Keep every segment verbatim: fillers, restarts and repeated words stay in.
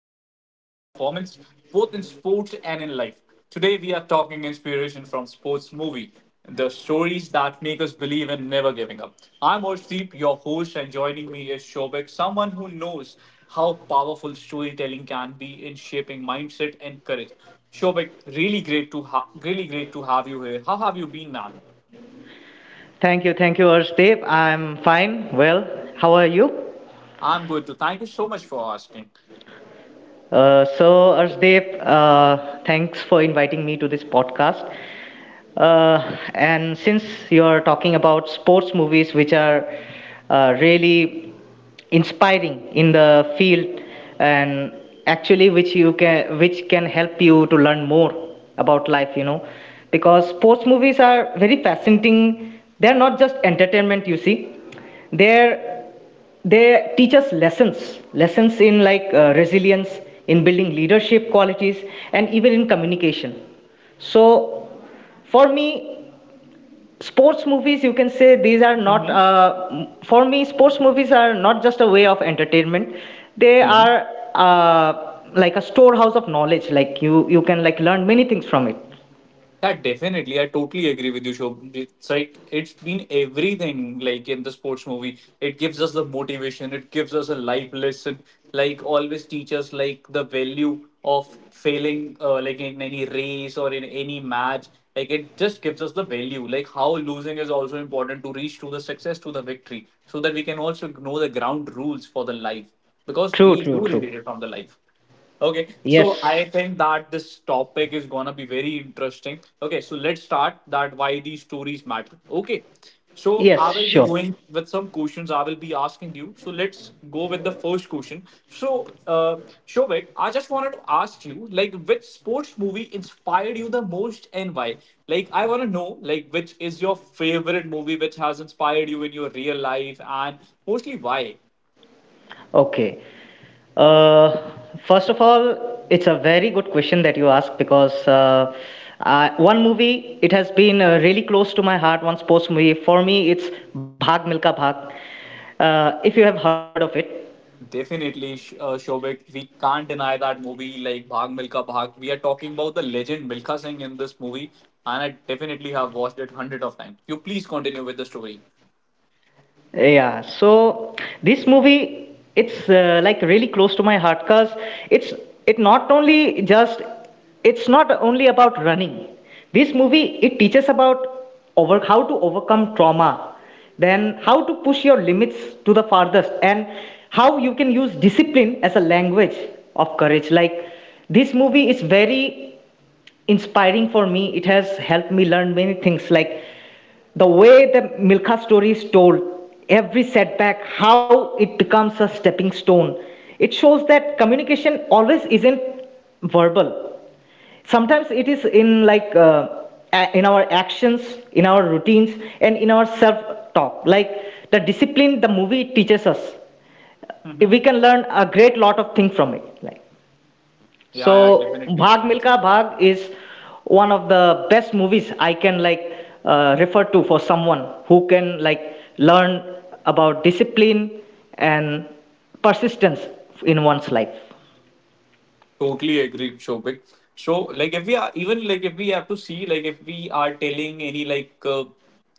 communication shape performance, both in sports and in life. Today, we are talking inspiration from sports movie, the stories that make us believe in never giving up. I'm Orshdeep, your host, and joining me is Shobek, someone who knows how powerful storytelling can be in shaping mindset and courage. Shobek, really great to ha- really great to have you here. How have you been, man? Thank you, thank you, Arshdeep. I'm fine, well. How are you? I'm good too. Thank you so much for asking. Uh, so, Arshdeep, uh, thanks for inviting me to this podcast. Uh, and since you're talking about sports movies, which are uh, really inspiring in the field, and actually which you can which can help you to learn more about life, you know, because sports movies are very fascinating. They're not just entertainment, you see they're they teach us lessons lessons in like uh, resilience, in building leadership qualities, and even in communication. So for me sports movies you can say, these are not Mhm. uh, for me sports movies are not just a way of entertainment. They are uh, like a storehouse of knowledge. Like you you can like learn many things from it. Yeah, definitely. I totally agree with you, Shob. It's like it's been everything like in the sports movie. It gives us the motivation, it gives us a life lesson, like always teach us like the value of failing uh, like in any race or in any match. Like it just gives us the value, like how losing is also important to reach to the success to the victory, so that we can also know the ground rules for the life. Because True, we true, do true. relate it from the life. Okay, so I Yes, think that this topic is gonna be very interesting. Okay, so let's start that why these stories matter. Okay, so I yes, will be sure. going with some questions I will be asking you. So let's go with the first question. So, uh, Shobik, I just wanted to ask you, like, which sports movie inspired you the most and why? Like, I wanna know, like, which is your favorite movie which has inspired you in your real life and mostly why? Okay. Uh, First of all, it's a very good question that you ask, because uh, I, one movie it has been uh, really close to my heart. One sports movie for me, it's Bhag Milka Bhag. Uh, if you have heard of it. Definitely, Sh- uh, Shobik. We can't deny that movie like Bhag Milka Bhag. We are talking about the legend Milka Singh in this movie, and I definitely have watched it hundred of times. You please continue with the story. Yeah, so this movie, it's uh, like really close to my heart, because it's it not only just it's not only about running. This movie, it teaches about over how to overcome trauma, then how to push your limits to the farthest, and how you can use discipline as a language of courage. Like, this movie is very inspiring for me. It has helped me learn many things, like the way the Milka story is told, every setback, how it becomes a stepping stone. It shows that communication always isn't verbal. Sometimes it is in like uh, in our actions, in our routines, and in our self-talk. Like, the discipline the movie teaches us, hmm Yeah, we can learn a great lot of things from it. Like. yeah, So definitely, Bhag definitely. Milka Bhag is one of the best movies I can like uh, refer to for someone who can like learn about discipline and persistence in one's life. Totally agree, Shobik. So, like, if we are even like if we have to see like if we are telling any like uh,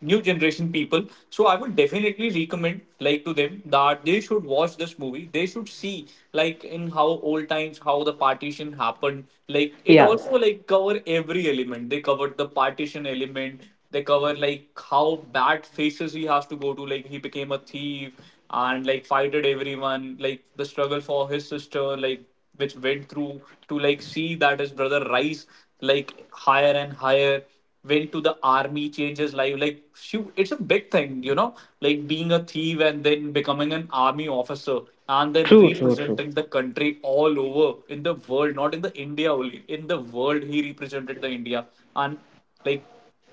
new generation people, so I would definitely recommend like to them that they should watch this movie. They should see like in how old times how the partition happened. Like it Yeah, also like cover every element. They covered the partition element. They cover like how bad faces he has to go to. Like he became a thief and like fighted everyone. Like the struggle for his sister. Like which went through to like see that his brother rise like higher and higher, went to the army, changed his life. Like shoot, it's a big thing, you know, like being a thief and then becoming an army officer and then true, true, true. representing the country all over in the world, not in the India only, in the world he represented the India. And like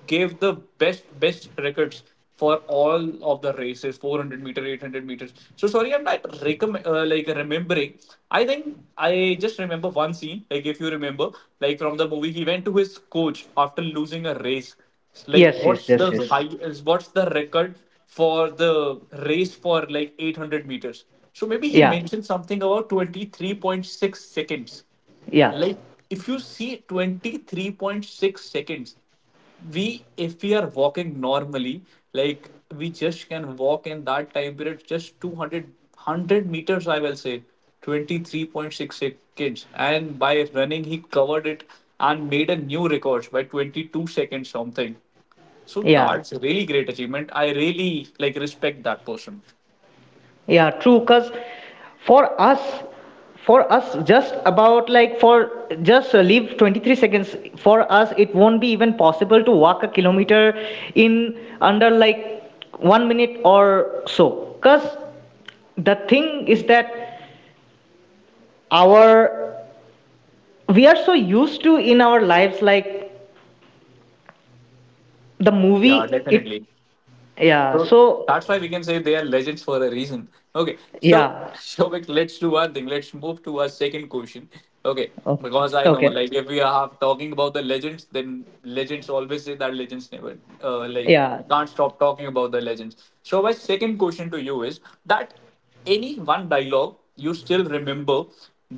gave the best best records for all of the races, four hundred meter, eight hundred meters. So sorry, I'm not recomm- uh, like remembering. I think I just remember one scene, like if you remember, like from the movie he went to his coach after losing a race. Like Yes, yes, what's the yes, yes. high what's the record for the race for like eight hundred meters? So maybe he Yeah, mentioned something about twenty-three point six seconds. yeah, Like if you see twenty-three point six seconds, we if we are walking normally, like we just can walk in that time period just two hundred hundred meters, I will say. twenty-three point six seconds, and by running, he covered it and made a new record by twenty-two seconds something. So yeah. that's a really great achievement. I really like respect that person. Yeah, true. Cause for us, for us, just about like for just uh, leave twenty-three seconds. For us, it won't be even possible to walk a kilometer in under like one minute or so. Cause the thing is that our we are so used to in our lives, like the Yeah, movie it— definitely. yeah, So so that's why we can say they are legends for a reason. Okay, so yeah. Shobik, let's do one thing. Let's move to our second question. Okay, Okay. because I know, Okay, like, if we are talking about the legends, then legends always say that legends never, uh, like, yeah. we can't stop talking about the legends. So my second question to you is that any one dialogue you still remember,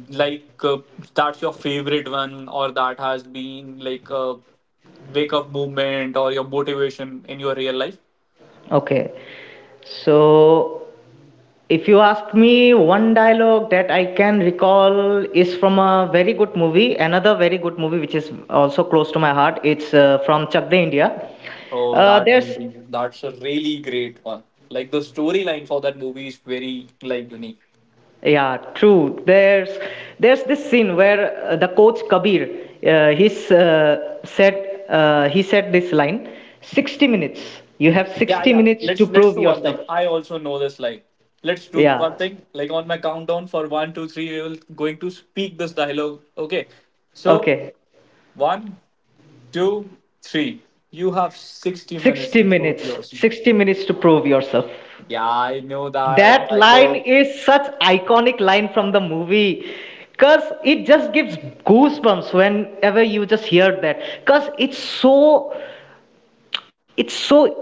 like uh, that's your favorite one, or that has been like a wake up movement or your motivation in your real life. Okay, so if you ask me, one dialogue that I can recall is from a very good movie, another very good movie which is also close to my heart. It's uh, from Chak De India. Oh, Uh, that there's movie, that's a really great one. Like the storyline for that movie is very like unique. Yeah, true. There's there's this scene where uh, the coach Kabir, uh, he's uh, said uh, he said this line: sixty minutes. You have Yeah, sixty yeah. minutes to Let's let's prove do one thing. yourself. I also know this line. Let's do one Yeah. thing. Like on my countdown for one, two, three, we will going to speak this dialogue. Okay. So Okay. one, two, three. You have sixty minutes sixty to prove minutes. yourself. sixty minutes to prove yourself. Yeah, I know that. That I line know. is such iconic line from the movie, cuz it just gives goosebumps whenever you just hear that, cuz it's so, it's so,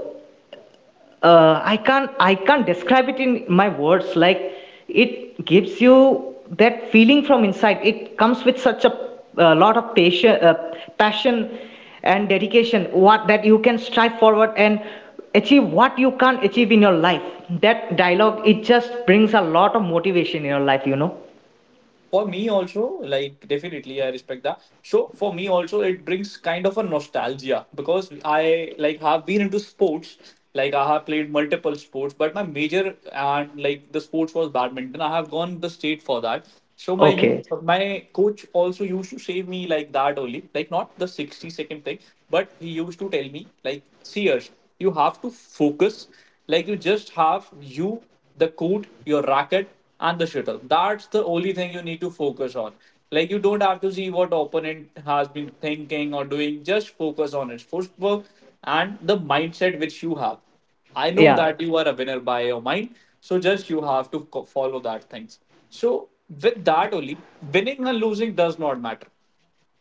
uh, I can't, I can't describe it in my words. Like, it gives you that feeling from inside. It comes with such a, uh lot of passion, uh, passion and dedication, What that you can strive forward and achieve what you can't achieve in your life. That dialogue, it just brings a lot of motivation in your life, you know. For me also, like definitely I respect that. So for me also it brings kind of a nostalgia because I like have been into sports. Like I have played multiple sports, but my major and like the sports was badminton. I have gone the state for that. So my you Okay. my coach also used to say me like that only, like not the sixty second thing, but he used to tell me like, Sears, you have to focus. Like you just have you the court, your racket, and the shuttle. That's the only thing you need to focus on. Like you don't have to see what opponent has been thinking or doing. Just focus on his footwork and the mindset which you have. I know Yeah. that you are a winner by your mind, so just you have to co- follow that things. So with that only, winning and losing does not matter,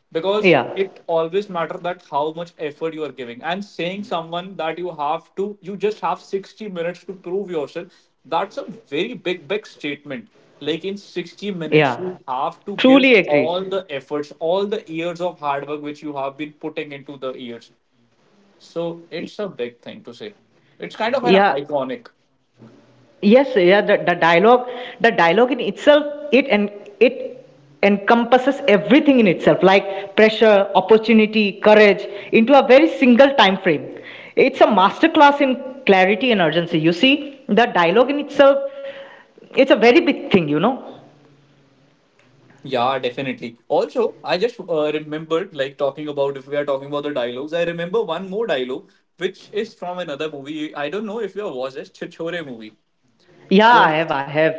Yeah. because it always matters that how much effort you are giving. And saying someone that you have to you just have sixty minutes to prove yourself, that's a very big big statement. Like in sixty minutes you Yeah. have to give Truly all agreed. the efforts, all the years of hard work which you have been putting into the years. So it's a big thing to say, it's kind of an Yeah. iconic. Yes, yeah, the, the dialogue, the dialogue in itself, it and it encompasses everything in itself, like pressure, opportunity, courage, into a very single time frame. It's a masterclass in clarity and urgency. You see, the dialogue in itself, it's a very big thing, you know. Yeah, definitely. Also, I just uh, remembered, like talking about if we are talking about the dialogues, I remember one more dialogue which is from another movie. I don't know if you have watched this Chichore movie. Yeah, So I have, I have.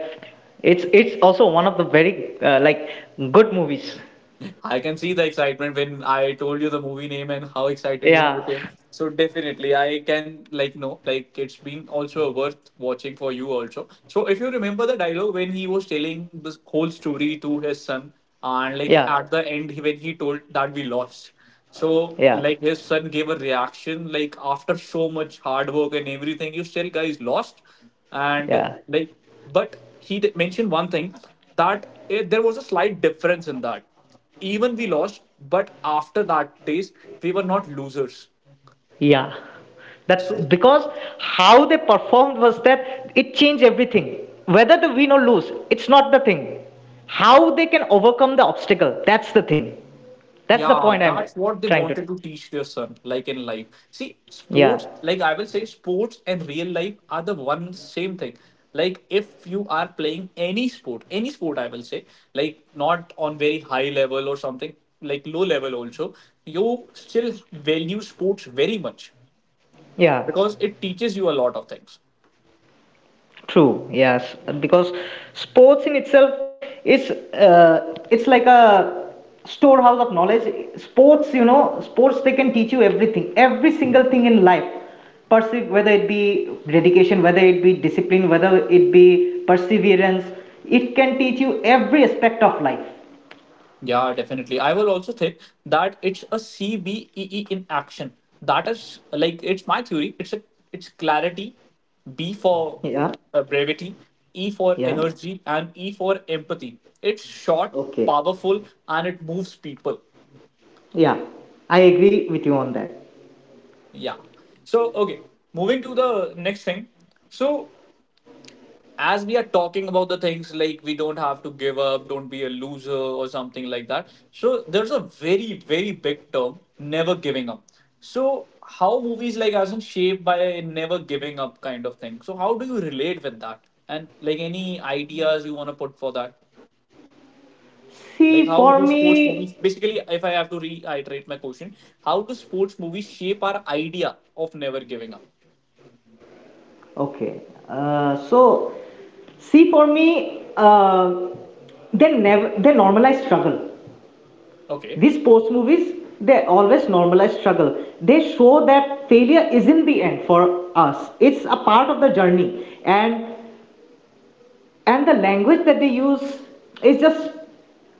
It's it's also one of the very uh, like good movies. I can see the excitement when I told you the movie name and how excited you Yeah, became. So definitely, I can like no, like it's been also worth watching for you also. So if you remember the dialogue when he was telling this whole story to his son, and like yeah, at the end he- when he told that we lost. So yeah, like his son gave a reaction like after so much hard work and everything, you still guys lost, and yeah. like but he d- mentioned one thing that eh, there was a slight difference in that, even we lost, but after that days we were not losers. Yeah. That So because how they performed was that it changed everything. Whether they win or lose, it's not the thing. How they can overcome the obstacle, that's the thing. That's the yeah, point I'm that's what they trying to. wanted to teach their son, like in life, see Yeah. sports, like I will say sports and real life are the one same thing. Like if you are playing any sport, any sport I will say, like not on very high level or something, like low level also, you still value sports very much Yeah. because it teaches you a lot of things. True, yes, because sports in itself is uh, it's like a storehouse of knowledge. Sports, you know, sports they can teach you everything, every single thing in life. Perse, whether it be dedication, whether it be discipline, whether it be perseverance. It can teach you every aspect of life. Yeah, definitely. I will also think that it's a C B E E in action. That is like it's my theory. It's a it's clarity, B for Yeah, uh, brevity, E for yeah, energy, and E for empathy. It's short, okay, powerful, and it moves people. yeah. I agree with you on that. Yeah. So okay, moving to the next thing. So as we are talking about the things like we don't have to give up, don't be a loser or something like that. So there's a very, very big term, never giving up. So how movies like us are shaped by never giving up kind of thing. So how do you relate with that? And like any ideas you want to put for that? Like See, how for do sports movies me, basically, if I have to reiterate my question, how do sports movies shape our idea of never giving up? okay. Uh, so See, for me, uh, they never they normalize struggle. Okay. These sports movies, they always normalize struggle. They show that failure isn't the end for us. It's a part of the journey, and and the language that they use is just,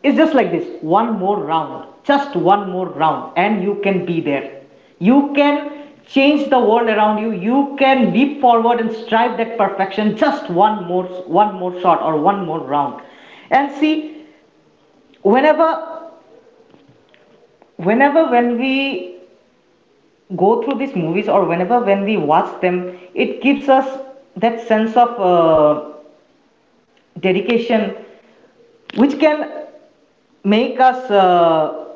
it's just like this: one more round, just one more round, and you can be there. You can change the world around you. You can leap forward and strive that perfection, just one more, one more shot or one more round. And see, whenever whenever when we go through these movies, or whenever when we watch them, it gives us that sense of uh, dedication, which can make us uh,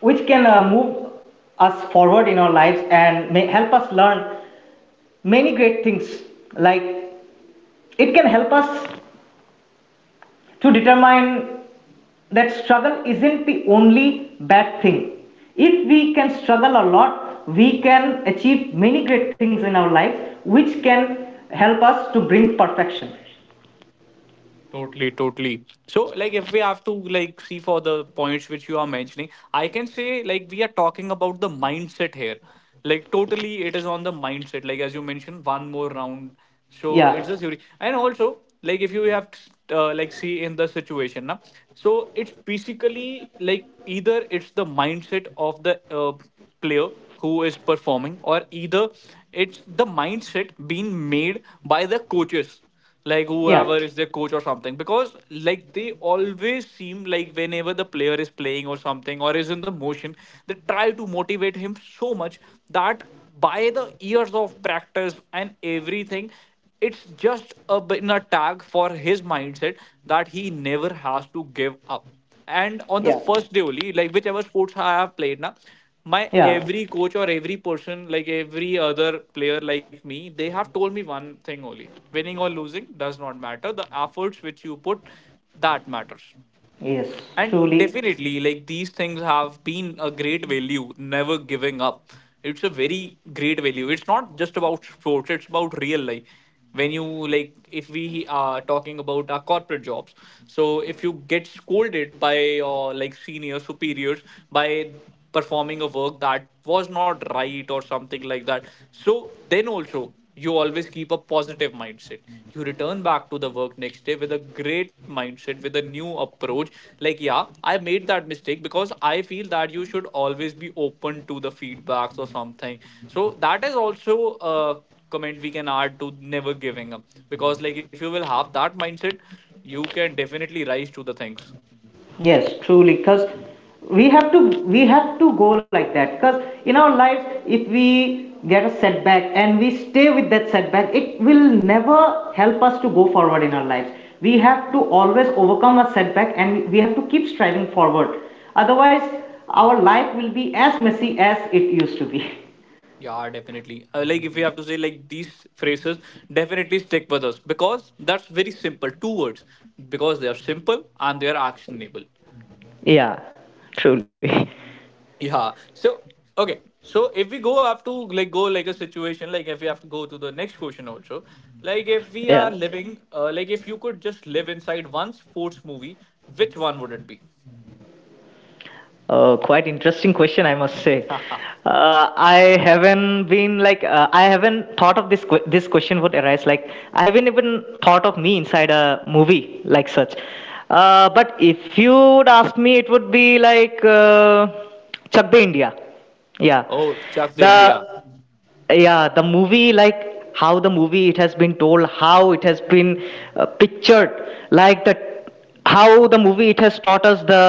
which can uh, move us forward in our lives and may help us learn many great things. Like, it can help us to determine that struggle isn't the only bad thing. If we can struggle a lot, we can achieve many great things in our lives, which can help us to bring perfection. Totally, totally. So, like, if we have to like see for the points which you are mentioning, I can say like we are talking about the mindset here. Like, totally, it is on the mindset. Like as you mentioned, one more round. So Yeah, it's a theory, and also like if you have to, uh, like see in the situation now, so it's basically like either it's the mindset of the uh, player who is performing, or either it's the mindset being made by the coaches, like yeah, whoever is their coach or something. Because like they always seem like whenever the player is playing or something or is in the motion, they try to motivate him so much that by the years of practice and everything, it's just a been a tag for his mindset that he never has to give up. And on the yeah, first day only, like whichever sports I have played now, my yeah. every coach or every person, like every other player like me, they have told me one thing only. Winning or losing does not matter. The efforts which you put, that matters. Yes, And truly. definitely, like these things have been a great value, never giving up. It's a very great value. It's not just about sports, it's about real life. When you like, if we are talking about our corporate jobs, so if you get scolded by your like senior superiors by performing a work that was not right or something like that. So then also you always keep a positive mindset. You return back to the work next day with a great mindset, with a new approach. Like, yeah, I made that mistake because I feel that you should always be open to the feedbacks or something. So that is also a comment we can add to never giving up. Because like if you will have that mindset, you can definitely rise to the things. Yes, truly, because we have to we have to go like that. Because in our lives, if we get a setback and we stay with that setback, it will never help us to go forward in our lives. We have to always overcome a setback, and we have to keep striving forward. Otherwise, our life will be as messy as it used to be. Yeah, definitely. Uh, like if we have to say like these phrases, definitely stick with us because that's very simple. Two words because they are simple and they are actionable. Yeah, truly. Yeah. So okay. So if we go have to like go like a situation like if we have to go to the next question also like if we Yeah. are living uh, like if you could just live inside one sports movie which one would it be? Uh, quite interesting question, I must say. Uh, I haven't been like uh, I haven't thought of this que- this question would arise. Like, I haven't even thought of me inside a movie like such. Uh, but if you would ask me, it would be like uh, Chak De India. Yeah, Oh, Chuck the the India. yeah the movie, like how the movie it has been told, how it has been uh, pictured, like the how the movie it has taught us the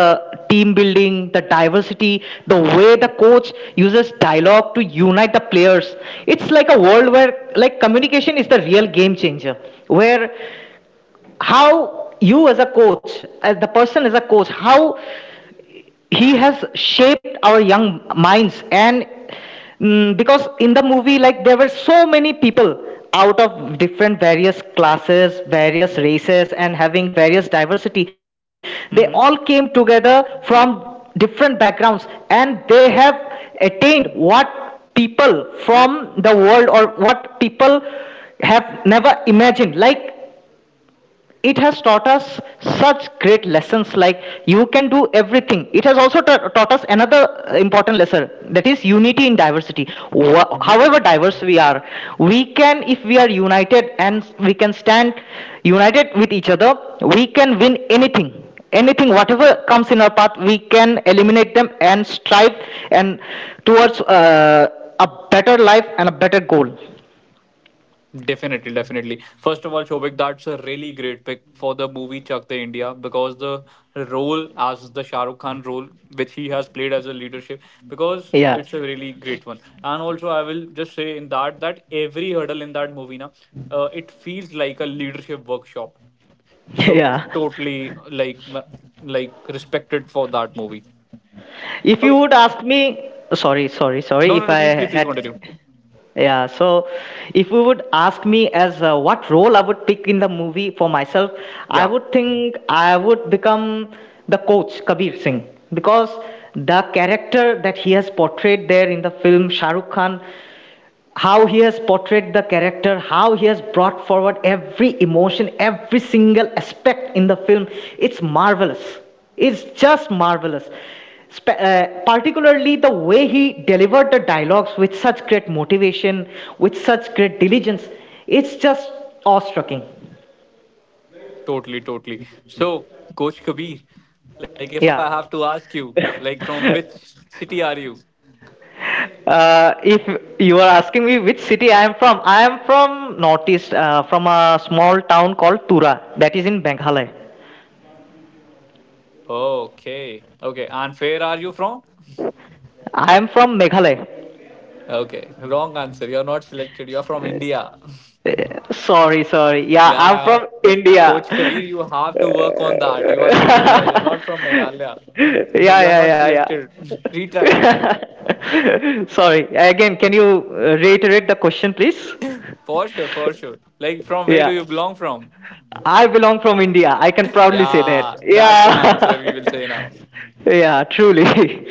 team building, the diversity, the way the coach uses dialogue to unite the players. It's like a world where like communication is the real game changer, where how you as a coach, as the person, as a coach, how he has shaped our young minds. And mm, because in the movie, like, there were so many people out of different various classes, various races, and having various diversity, they all came Mm-hmm. together from different backgrounds, and they have attained what people from the world, or what people have never imagined. Like, it has taught us such great lessons. Like, you can do everything. It has also ta- taught us another uh, important lesson, that is unity in diversity. Wha- Mm-hmm. However diverse we are, we can, if we are united, and we can stand united with each other, we can win anything, anything whatever comes in our path. We can eliminate them and strive, and towards uh, a better life and a better goal. Definitely, definitely. First of all, Shobik, that's a really great pick for the movie Chak De India because the role as the Shah Rukh Khan role, which he has played as a leadership, because Yeah. it's a really great one. And also, I will just say in that that every hurdle in that movie, na, uh, it feels like a leadership workshop. So Yeah. totally like like respected for that movie. If you Okay, would ask me— sorry sorry sorry no, no, if no. I Please, please, please had continue. Yeah, so if you would ask me as uh, what role I would pick in the movie for myself, I Yeah. would think I would become the coach Kabir Singh, because the character that he has portrayed there in the film, Shahrukh Khan, how he has portrayed the character, how he has brought forward every emotion, every single aspect in the film. It's marvelous. It's just marvelous. Spe- uh, particularly the way he delivered the dialogues with such great motivation, with such great diligence. It's just awe-striking. Totally, totally. So, Coach Kabir, like if I have Yeah. to ask you, like from which city are you? Uh, if you are asking me which city I am from, I am from northeast, uh, from a small town called Tura, that is in Meghalaya. Okay, okay. And where are you from? I am from Meghalaya. Okay, wrong answer. You're not selected. You're from India. Sorry, sorry. Yeah, I'm Yeah, from Coach India. Kabir, you have to work on that. You are from India. You're not from Meghalaya. Yeah, You're yeah, not yeah, selected. Retry. yeah. Sorry. Again, can you uh, reiterate the question, please? For sure, for sure. Like, from where do Yeah. you belong from? I belong from India. I can proudly say Yeah, that. that's an answer we will Yeah. say now. Yeah, truly.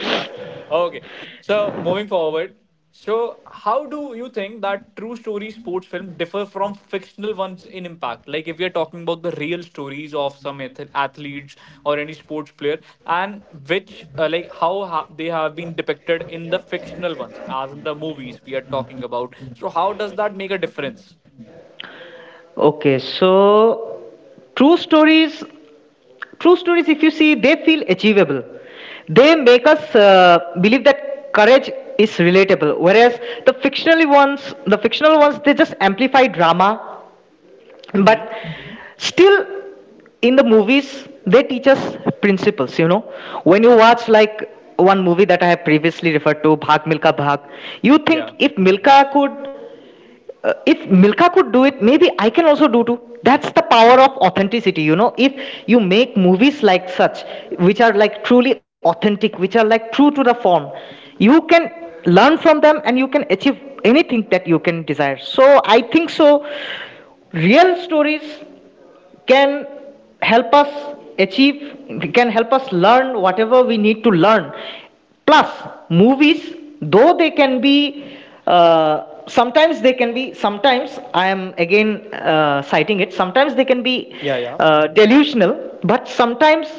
Okay. So moving forward, so how do you think that true story sports film differ from fictional ones in impact? Like if we are talking about the real stories of some ath- athletes or any sports player, and which uh, like how ha- they have been depicted in the fictional ones, as in the movies we are talking about. So how does that make a difference? Okay, so true stories true stories, if you see, they feel achievable. They make us uh, believe that courage is relatable. Whereas the fictional ones, the fictional ones, they just amplify drama. Mm-hmm. But still, in the movies, they teach us principles. You know, when you watch like one movie that I have previously referred to, Bhag Milka Bhag, you think Yeah. if Milka could uh, if Milka could do it, maybe I can also do too. That's the power of authenticity, you know. If you make movies like such, which are like truly authentic, which are like true to the form, you can learn from them and you can achieve anything that you can desire. So I think so. Real stories can help us achieve, can help us learn whatever we need to learn. Plus movies, though they can be uh, sometimes, they can be sometimes — I am again uh, citing it — sometimes they can be Yeah. Yeah. uh, delusional. But sometimes,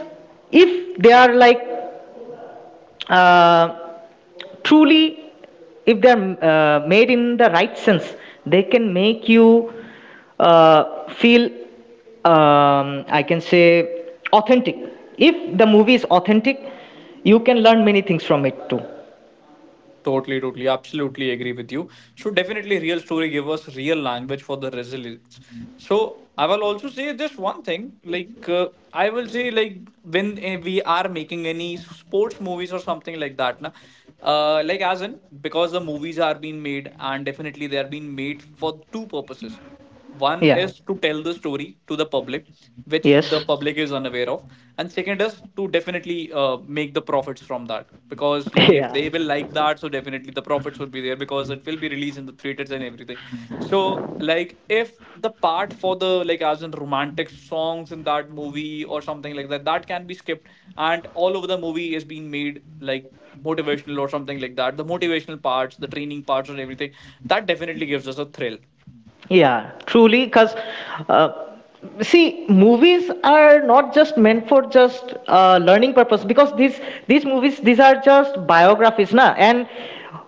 if they are like uh, truly, if they're uh, made in the right sense, they can make you uh, feel, um, I can say, authentic. If the movie is authentic, you can learn many things from it too. Totally, totally, absolutely agree with you. So definitely, real story give us real language for the resilience. So I will also say just one thing, like uh, I will say like when eh, we are making any sports movies or something like that, na, uh, like as in because the movies are being made and definitely they are being made for two purposes. One Yeah. is to tell the story to the public, which the Yes. public is unaware of, and second is to definitely uh, make the profits from that. Because like if they yeah. will like that, so definitely the profits will be there because it will be released in the theaters and everything. So like if the part for the like as in romantic songs in that movie or something like that, that can be skipped, and all over the movie is being made like motivational or something like that. The motivational parts, the training parts, and everything that definitely gives us a thrill. Yeah, truly, because uh, see, movies are not just meant for just uh, learning purpose. Because these these movies, these are just biographies, na. And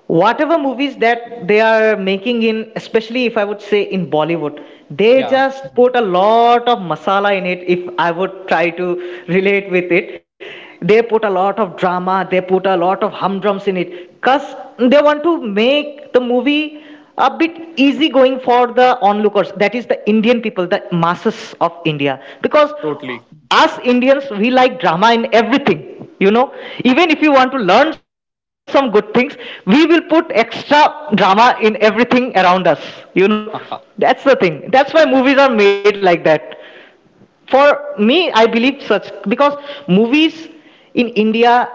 whatever movies that they are making in, especially if I would say in Bollywood, they Yeah. just put a lot of masala in it. If I would try to relate with it, they put a lot of drama, they put a lot of humdrums in it, cause they want to make the movie a bit easy going for the onlookers, that is the Indian people, the masses of India. Because Totally. us Indians, we like drama in everything, you know. Even if you want to learn some good things, we will put extra drama in everything around us, you know. Haha. That's the thing, that's why movies are made like that. For me, I believe such, because movies in India,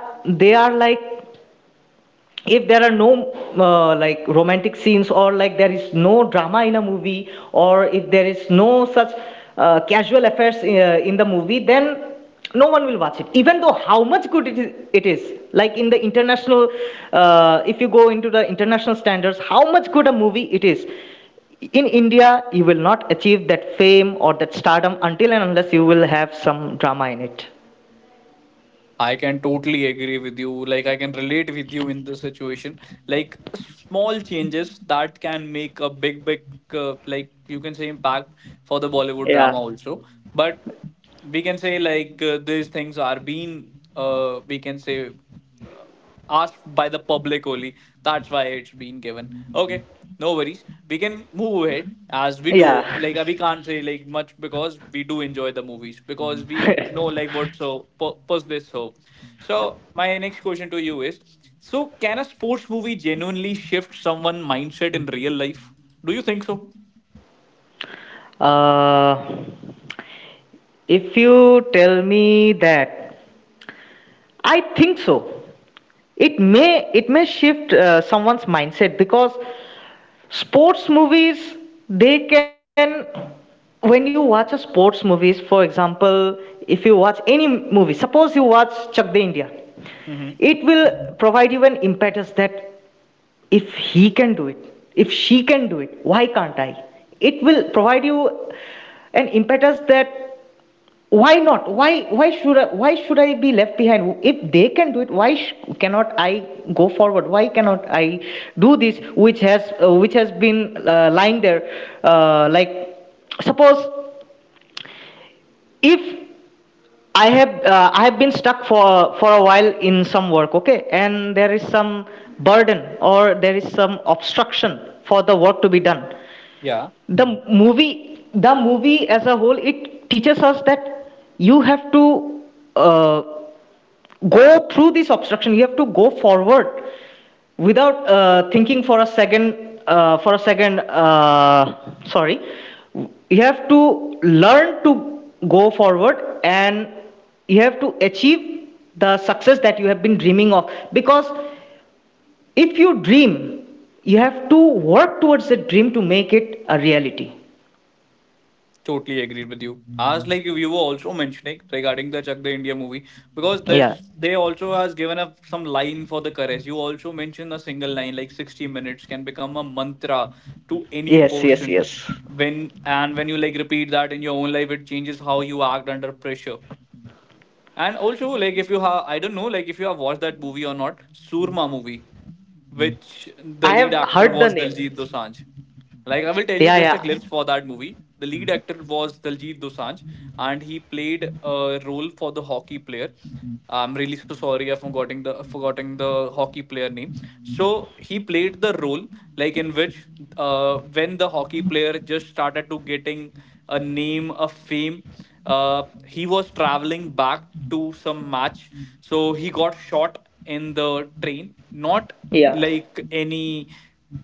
they are like, if there are no uh, like romantic scenes, or like there is no drama in a movie, or if there is no such uh, casual affairs uh, in the movie, then no one will watch it, even though how much good it is, it is. Like in the international uh, if you go into the international standards, how much good a movie it is, in India you will not achieve that fame or that stardom until and unless you will have some drama in it. I can totally agree with you. Like, I can relate with you in this situation. Like, small changes that can make a big, big, uh, like, you can say impact for the Bollywood drama Yeah. also. But we can say like uh, these things are being uh, we can say uh, asked by the public only, that's why it's been given. Okay, no worries, we can move ahead as we do Yeah. like uh, we can't say like much because we do enjoy the movies because we know like what. So pu- push this. So so my next question to you is so can a sports movie genuinely shift someone mindset in real life, do you think so? uh, If you tell me that, I think so. It may it may shift uh, someone's mindset, because sports movies, they can, when you watch a sports movies, for example, if you watch any movie, suppose you watch Chak De India, Hmm. it will provide you an impetus that if he can do it, if she can do it, why can't I? It will provide you an impetus that why not, why why should I, why should I be left behind? If they can do it, why sh- cannot I go forward? Why cannot I do this which has uh, which has been uh, lying there. Uh, like, suppose if i have uh, I have been stuck for for a while in some work, okay, and there is some burden or there is some obstruction for the work to be done, Yeah. the movie the movie as a whole, it teaches us that you have to uh, go through this obstruction, you have to go forward without uh, thinking for a second uh, for a second. Uh, sorry, you have to learn to go forward, and you have to achieve the success that you have been dreaming of, because if you dream, you have to work towards the dream to make it a reality. Totally agreed with you. As like you, you were also mentioning regarding the Chak De India movie, because Yeah. this they also has given up some line for the courage. You also mentioned a single line like sixty minutes can become a mantra to any Yes, yes, person. yes. When and when you like repeat that in your own life, it changes how you act under pressure. And also like if you have, I don't know, like if you have watched that movie or not, Surma movie which I have the lead heard the actor name. was Diljit Dosanjh. Like I will Yeah, tell you yeah. just a glimpse for that movie. The lead actor was Diljit Dosanjh, and he played a role for the hockey player. I'm really so sorry I forgetting the forgetting the hockey player name. So he played the role like in which uh, when the hockey player just started to getting a name, a fame. Uh, he was traveling back to some match, so he got shot in the train. Not Yeah. like any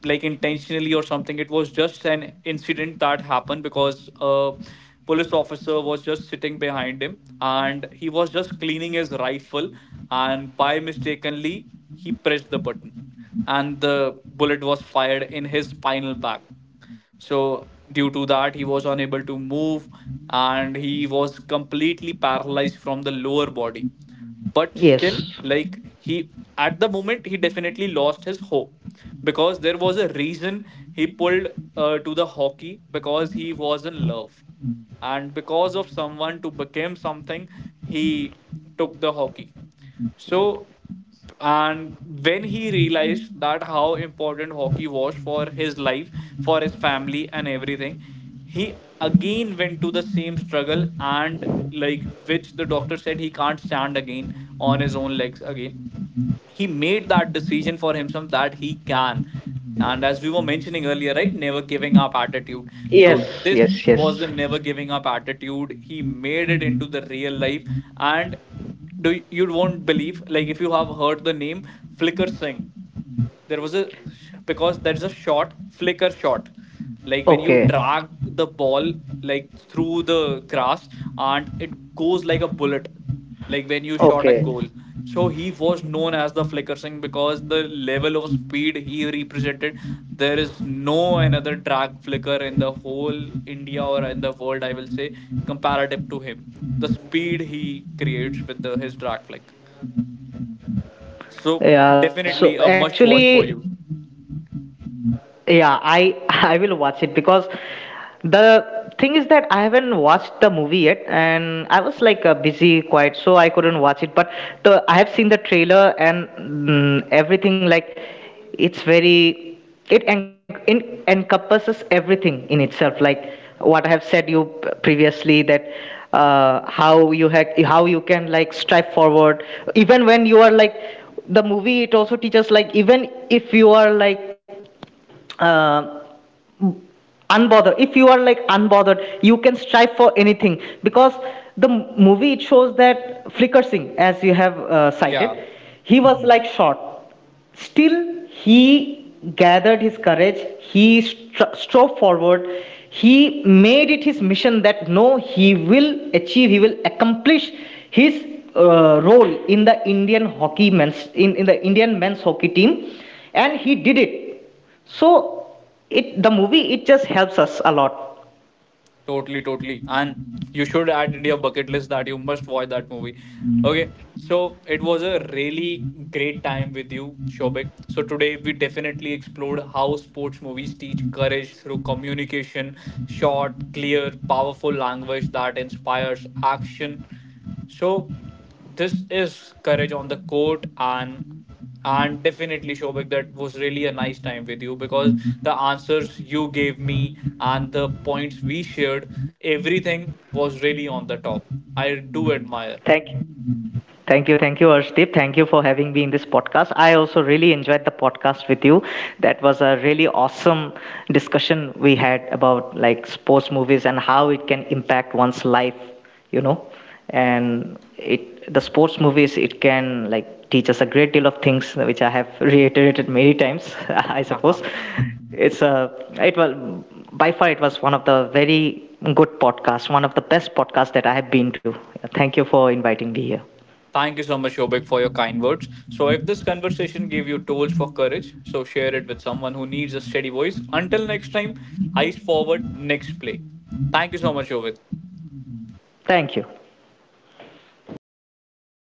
like intentionally or something. It was just an incident that happened because a police officer was just sitting behind him and he was just cleaning his rifle and by mistakenly he pressed the button and the bullet was fired in his spinal back. So, due to that, he was unable to move and he was completely paralyzed from the lower body. But still, Yes. like he at the moment, he definitely lost his hope because there was a reason he pulled uh, to the hockey because he was in love and because of someone to become something, he took the hockey. So, and when he realized that how important hockey was for his life, for his family, and everything, he again went to the same struggle and like which the doctor said he can't stand again on his own legs again, he made that decision for himself that he can. And as we were mentioning earlier right, never giving up attitude, so Yes, yes, this yes. was the never giving up attitude he made it into the real life. And do you won't believe like if you have heard the name flicker singh, there was a because there's a shot flicker shot like when you Okay, drag the ball like through the grass and it goes like a bullet like when you shot a okay. goal. So he was known as the flicker Singh because the level of speed he represented, there is no another drag flicker in the whole india or in the world I will say comparative to him, the speed he creates with the, his drag flick. So Yeah, so definitely a must watch actually, for you. yeah, I I will watch it, because the thing is that I haven't watched the movie yet, and I was like uh, busy, quiet, so I couldn't watch it. But the I have seen the trailer and mm, everything. Like it's very — it, en- in encompasses everything in itself. Like what I have said you p- previously, that uh, how you ha- how you can like strive forward even when you are like — the movie, it also teaches like even if you are like uh, unbothered, if you are like unbothered, you can strive for anything. Because the movie, it shows that Flicker Singh, as you have uh, cited, Yeah. he was like short. Still, he gathered his courage, he stro- strove forward, he made it his mission that no, he will achieve, he will accomplish his uh, role in the Indian hockey men's in, in the Indian men's hockey team, and he did it. So, it the movie, it just helps us a lot. Totally, totally. And you should add in your bucket list that you must watch that movie. Okay, so it was a really great time with you, Shobik. So today we definitely explored how sports movies teach courage through communication, short, clear, powerful language that inspires action. So this is courage on the court and and definitely Shobik that was really a nice time with you because the answers you gave me and the points we shared, everything was really on the top. I do admire. Thank you. Thank you, thank you, Arshdeep. Thank you for having me in this podcast. I also really enjoyed the podcast with you. That was a really awesome discussion we had about like sports movies and how it can impact one's life, you know. And it the sports movies, it can like teach us a great deal of things, which I have reiterated many times, I Haha. suppose. It's a it was by far, it was one of the very good podcasts, one of the best podcasts that I have been to. Thank you for inviting me here. Thank you so much Shobik for your kind words. So if this conversation gave you tools for courage, so share it with someone who needs a steady voice. Until next time, eyes forward, next play. Thank you so much Shobik. Thank you.